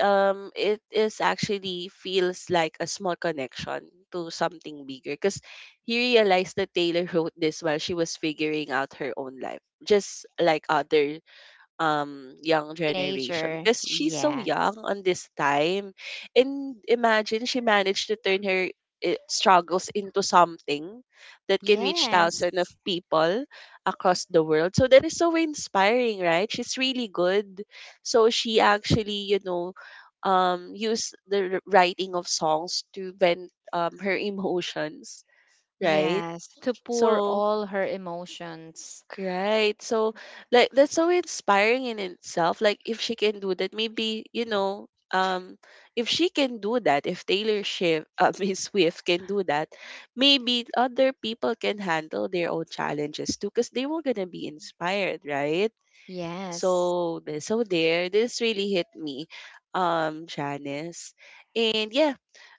B: um, it is actually feels like a small connection to something bigger, because he realized that Taylor wrote this while she was figuring out her own life, just like other, um, young generation,
A: Teenager,
B: because she's so
A: yes.
B: young on this time. And imagine she managed to turn her struggles into something that can reach
A: Yes.
B: thousands of people across the world. So that is so inspiring, right? She's really good. So she actually, you know, um, use the writing of songs to vent, um, her emotions, right?
A: Yes, to pour
B: So
A: all her emotions.
B: Right. So like that's so inspiring in itself. Like if she can do that, maybe, you know, um, if she can do that, if Taylor Swift, Miss Swift can do that, maybe other people can handle their own challenges too, because they were gonna be inspired, right? So
A: Yes.
B: so there, this really hit me, Janice. And yeah,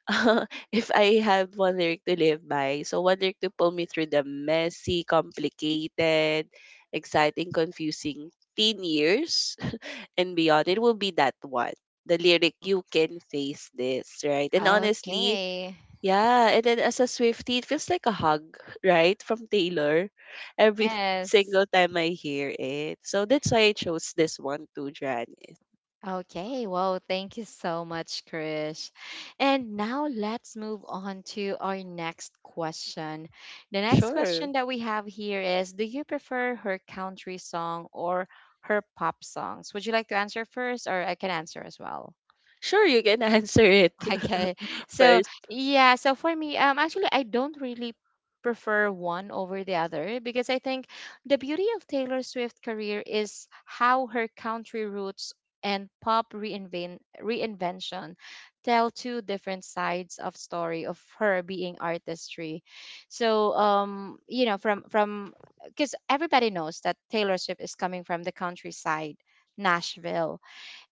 B: if I have one lyric to live by, so one lyric to pull me through the messy, complicated, exciting, confusing teen years and beyond, it will be that one. The lyric,
A: Oh,
B: you can face this, right? And honestly,
A: okay.
B: yeah. And then as a Swiftie, it feels like a hug, right? From Taylor every
A: Yes.
B: single time I hear it. So that's why I chose this one too, Janice.
A: Okay, well, thank you so much, Krish. And now let's move on to our next question. The next
B: Sure.
A: question that we have here is, do you prefer her country song or her pop songs? Would you like to answer first, or I can answer as well?
B: Sure, you can answer it
A: Okay. So,
B: first.
A: yeah, so for me, actually I don't really prefer one over the other, because I think the beauty of Taylor Swift's career is how her country roots and pop reinvention tell two different sides of story of her being artistry. So, from, because everybody knows that Taylor Swift is coming from the countryside, Nashville,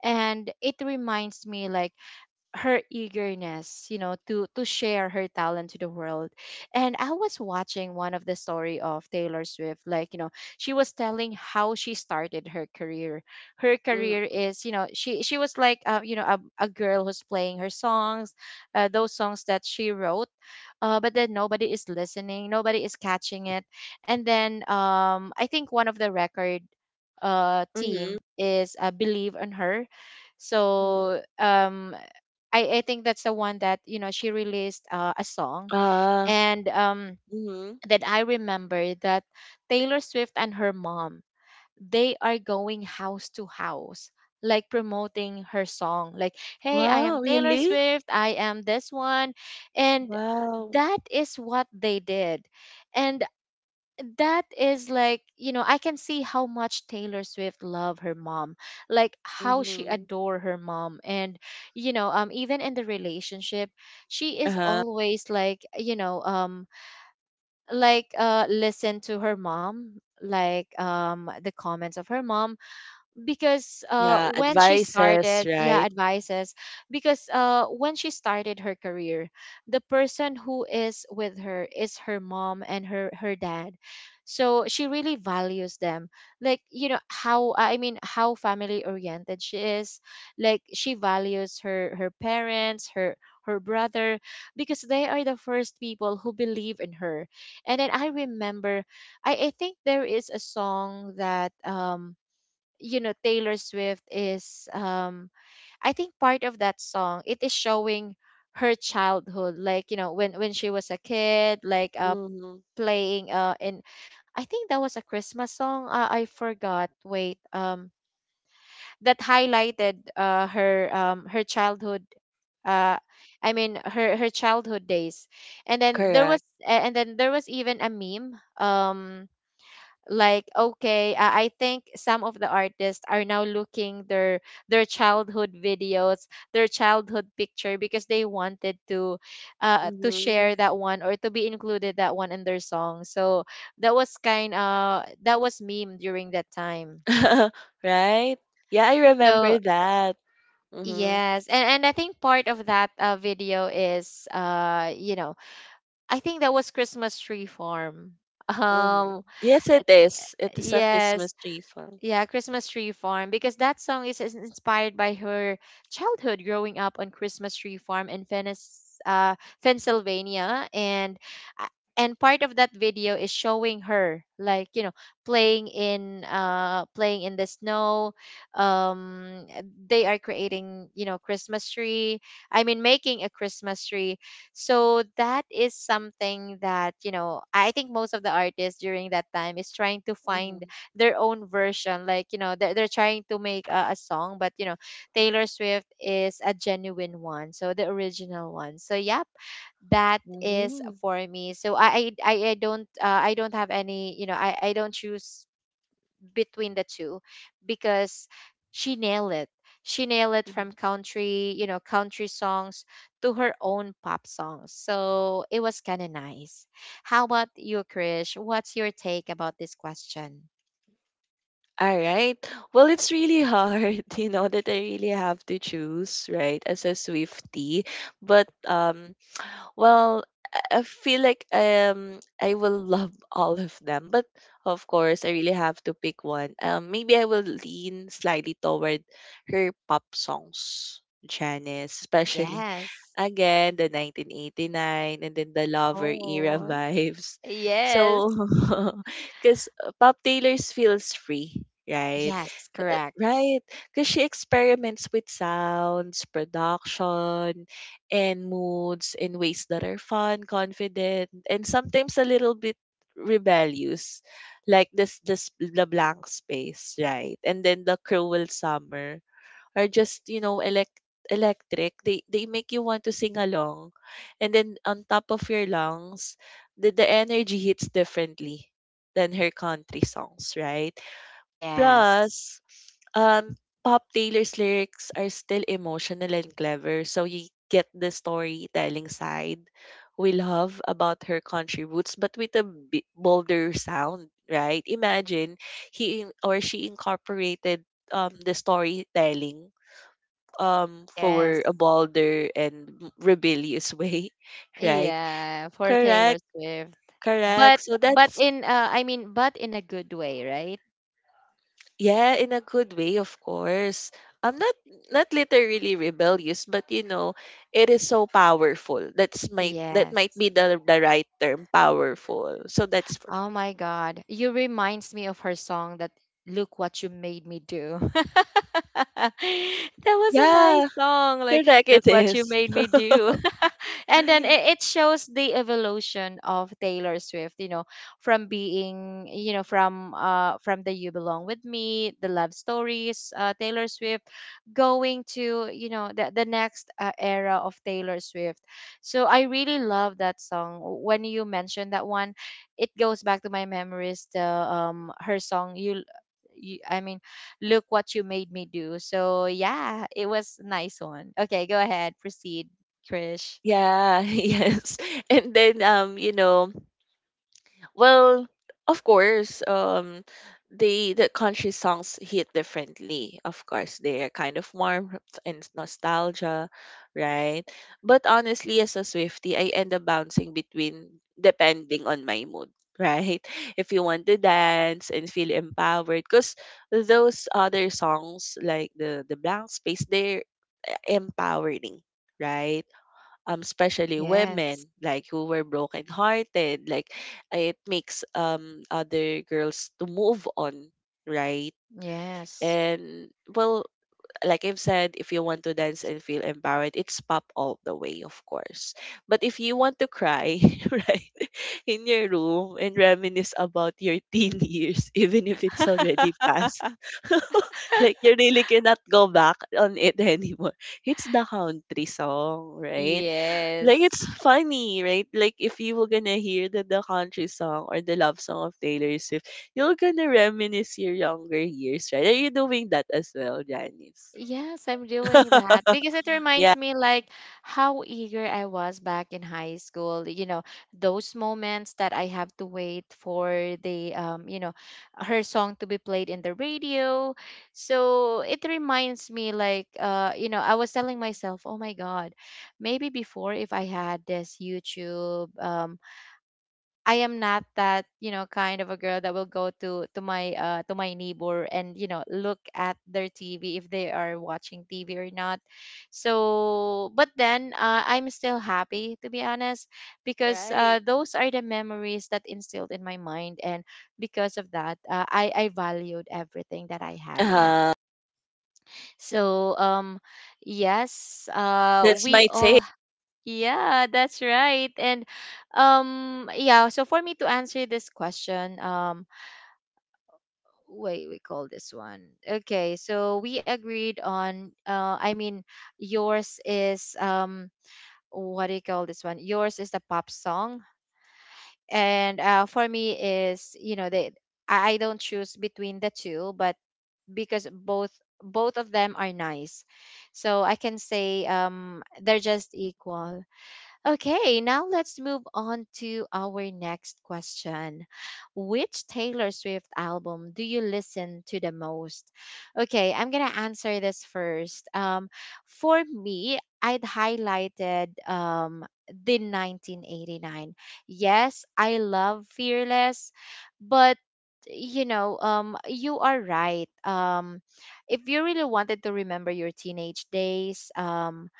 A: and it reminds me, like, her eagerness, to share her talent to the world. And I was watching one of the story of Taylor Swift, like, she was telling how she started her career. Her
B: Mm.
A: career is, she was like, a girl who's playing her songs, those songs that she wrote, but then nobody is listening, nobody is catching it. And then I think one of the record
B: Mm-hmm.
A: team is believe on her. So I think that's the one that you know she released a song.
B: Ah,
A: And
B: mhm.
A: then I remember that Taylor Swift and her mom, they are going house to house, like promoting her song, like, "Hey, I am
B: Wow,
A: Taylor
B: really?
A: Swift. I am this one." And
B: Wow.
A: that is what they did. And that is, like, you know, I can see how much Taylor Swift love her mom, like how she
B: Mhm.
A: adore her mom. And you know, even in the relationship, she is
B: Uh-huh.
A: always like, you know, like listen to her mom, like the comments of her mom, because
B: Yeah,
A: when she
B: advices,
A: started, yeah,
B: right?
A: advices. Because when she started her career, the person who is with her is her mom and her dad. So she really values them, like, you know, how, I mean, how family oriented she is, like she values her parents, her, her brother, because they are the first people who believe in her. And then I remember, I think there is a song that you know Taylor Swift is, I think part of that song, it is showing her childhood, like, you know, when she was a kid, like
B: Mhm.
A: playing and I think that was a Christmas song. I forgot. Wait, that highlighted her her childhood. uh I mean her childhood days. And then
B: Correct.
A: and then there was even a meme, like, okay, I think some of the artists are now looking their childhood videos, their childhood picture, because they wanted to share
B: Mhm.
A: that one or to be included that one in their song. So that was kind of, that was meme during that time.
B: Right? Yeah, I
A: So
B: remember that. Mhm.
A: yes, and I think part of that video is you know, I think that was Christmas Tree Farm.
B: Mhm.
A: um
B: Yes, it is. It is a
A: yes.
B: Christmas tree farm.
A: Yeah, Christmas Tree Farm, because that song is inspired by her childhood growing up on Christmas Tree Farm in Venice, Pennsylvania. And uh, and part of that video is showing her, like, you know, playing in playing in the snow. Um, they are creating, you know, Christmas tree. I mean, making a Christmas tree. So that is something that, you know, I think most of the artists during that time is trying to find
B: Mhm.
A: their own version, like, you know, they're trying to make a song, but you know, Taylor Swift is a genuine one, so the original one. So yep, that is
B: Mhm.
A: for me. So I don't I don't have any, you know, I don't choose between the two, because she nailed it. She nailed it from
B: Mhm.
A: country, you know, country songs to her own pop songs. So it was kind of nice. How about you, Krish? What's your take about this question?
B: All right. Well, it's really hard, you know, that I really have to choose, right, as a Swiftie. But um, Well, I feel like um, I will love all of them, but of course I really have to pick one. Maybe I will lean slightly toward her pop songs, Janice, especially
A: Yes.
B: again the 1989 and then the Lover era
A: Oh,
B: vibes.
A: yes.
B: So, because Pop Taylor's feels free, right?
A: Yes, correct.
B: Right, because she experiments with sounds, production, and moods in ways that are fun, confident, and sometimes a little bit rebellious, like this the blank space, right? And then the cruel summer are just, you know, electric. They make you want to sing along, and then on top of your lungs, the energy hits differently than her country songs, right?
A: Yes.
B: Plus, um, Pop Taylor's lyrics are still emotional and clever, so you get the storytelling side we love about her country roots, but with a bolder sound, right? Imagine he or she incorporated, um, the storytelling, um,
A: Yes.
B: for a bolder and rebellious way, right?
A: Yeah, for Taylor
B: Correct,
A: Swift. But
B: correct. So
A: but
B: that's
A: in I mean, but in a good way, right?
B: Yeah, in a good way, of course. I'm not literally rebellious, but you know, it is so powerful. That's might that might
A: Yes.
B: be the right term, powerful. So that's for
A: Oh my God. You reminds me of her song that, "Look What You Made Me Do." That was a nice
B: yeah,
A: song. Like,
B: correct.
A: look
B: It
A: what you
B: is.
A: made me do. And then it shows the evolution of Taylor Swift, you know, from being, you know, from the "You Belong With Me," the love stories, Taylor Swift going to, you know, the next era of Taylor Swift. So I really love that song. When you mentioned that one, it goes back to my memories, the her song, you I mean "Look What You Made Me Do." So yeah, it was nice one. Okay, go ahead, proceed, Krish.
B: Yeah, yes. And then you know, Well, of course, the country songs hit differently. Of course, they're kind of warm and nostalgia, right? But honestly, as a Swifty, I end up bouncing between depending on my mood, right? If you want to dance and feel empowered, because those other songs like the blank space, they're empowering, right? Um, especially
A: Yes,
B: women, like who were brokenhearted. Like it makes, um, other girls to move on, right?
A: yes.
B: And well, like I've said, if you want to dance and feel empowered, it's pop all the way, of course. But if you want to cry, right, in your room and reminisce about your teen years, even if it's already past, like you really cannot go back on it anymore. It's the country song, right? Like
A: Yes.
B: it's funny, right? Like if you were gonna hear the country song or the love song of Taylor Swift, you're gonna reminisce your younger years, right? Are you doing that as well, Janice?
A: Yes, I'm doing that because it
B: Yeah.
A: reminds me like how eager I was back in high school. You know, those moments that I have to wait for the, you know, her song to be played in the radio. So it reminds me like, you know, I was telling myself, "Oh my God, maybe before, if I had this YouTube, I am not that, you know, kind of a girl that will go to my neighbor and, you know, look at their TV if they are watching TV or not." So, but then I'm still happy, to be honest, because
B: Right.
A: those are the memories that instilled in my mind. And because of that, I valued everything that I have now.
B: Uh,
A: So, yes,
B: that's
A: we
B: my
A: all,
B: take.
A: yeah, that's right. And yeah, so for me to answer this question, wait, we call this one. Okay, so we agreed on, I mean, yours is, what do you call this one? Yours is the pop song, and for me is, you know, they, I don't choose between the two, but because both, both of them are nice. So I can say they're just equal. Okay, now let's move on to our next question. Which Taylor Swift album do you listen to the most? Okay, I'm gonna answer this first. For me, I'd highlighted the 1989. Yes, I love Fearless, but you know, you are right. If you really wanted to remember your teenage days,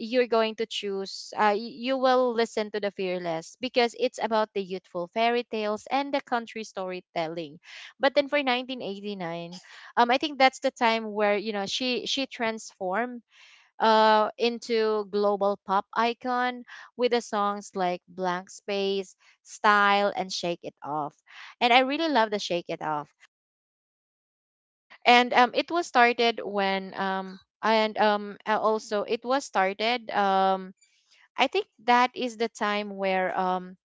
A: you're going to choose, you will listen to the Fearless, because it's about the youthful fairy tales and the country storytelling. But then for 1989, I think that's the time where, you know, she transformed into global pop icon with the songs like "Blank Space," "Style," and "Shake It Off." And I really love the "Shake It Off." And it was started when and also It was started, I think that is the time where,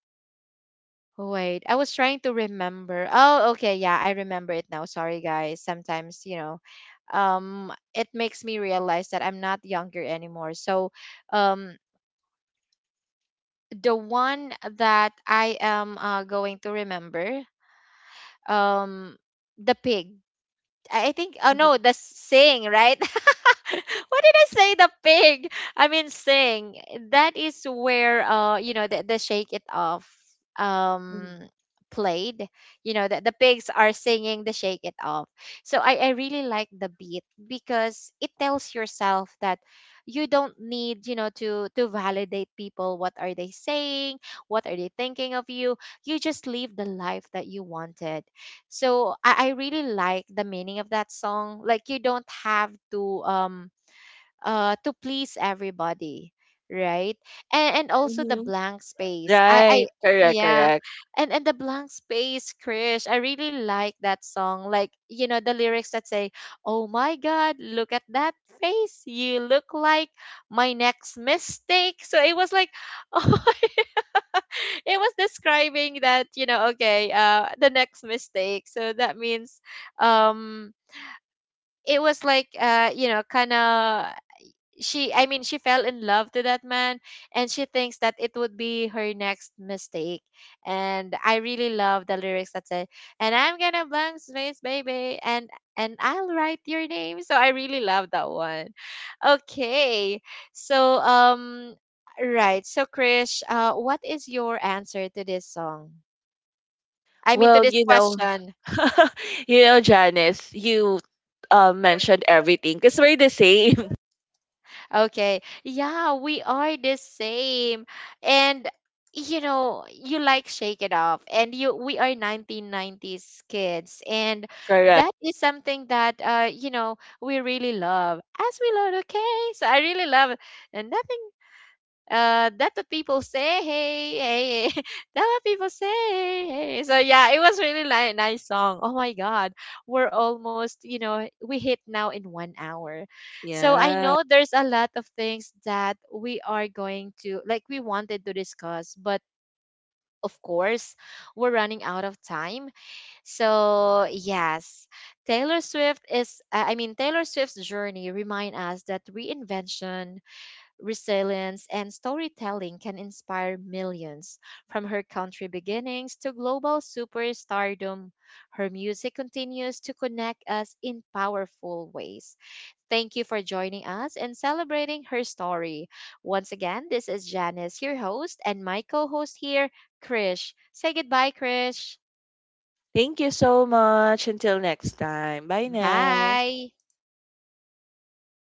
A: oh, wait, I was trying to remember. Oh, okay, yeah, I remember it now. Sorry guys. Sometimes, you know, it makes me realize that I'm not younger anymore. So, um the one that I am, going to remember, um the pig, I think, oh no,
B: Mhm,
A: the Sing, right? What did I say? The pig. I mean Sing. That is where, you know, the "Shake It Off"
B: mhm,
A: um played. You know that the pigs are singing the "Shake It Off." So I really like the beat, because it tells yourself that you don't need, you know, to validate people what are they saying, what are they thinking of you. You just live the life that you wanted. So I really like the meaning of that song. Like you don't have to, to please everybody, right? And also the
B: mhm.
A: "Blank Space." I
B: Right.
A: I
B: Correct.
A: yeah,
B: Correct.
A: and the "Blank Space," Krish. I really like that song. Like you know the lyrics that say, "Oh my God, look at that face. You look like my next mistake." So it was like, oh, it was describing that, you know, okay, the next mistake. So that means, um. It was like, you know, kind of, she I mean she fell in love to that man, and she thinks that it would be her next mistake. And I really love the lyrics that say, "And I'm gonna blank space baby, and I'll write your name." So I really love that one. Okay, so right, so Krish, what is your answer to this song, I mean to
B: Well,
A: this
B: you know,
A: question?
B: you know, Janice, you, mentioned everything because we're the same.
A: Okay. Yeah, we are the same. And you know, you like "Shake It Off," and you, we are 1990s kids, and
B: Correct.
A: that is something that, you know, we really love. As we love, okay? So I really love it. And nothing that what people say, "Hey hey hey," that what people say, "Hey, hey." So yeah, it was really like nice song. Oh my God, we're almost, you know, we hit now in one hour. So I
B: Yeah.
A: know there's a lot of things that we are going to, like, we wanted to discuss, but of course, we're running out of time. So yes, Taylor Swift is, Taylor Swift's journey remind us that reinvention, resilience, and storytelling can inspire millions. From her country beginnings to global superstardom, her music continues to connect us in powerful ways. Thank you for joining us and celebrating her story. Once again, this is Janice, your host, and my co host here, Krish. Say goodbye, Krish.
B: Thank you so much. Until next time. Bye now.
A: Bye.
B: All right.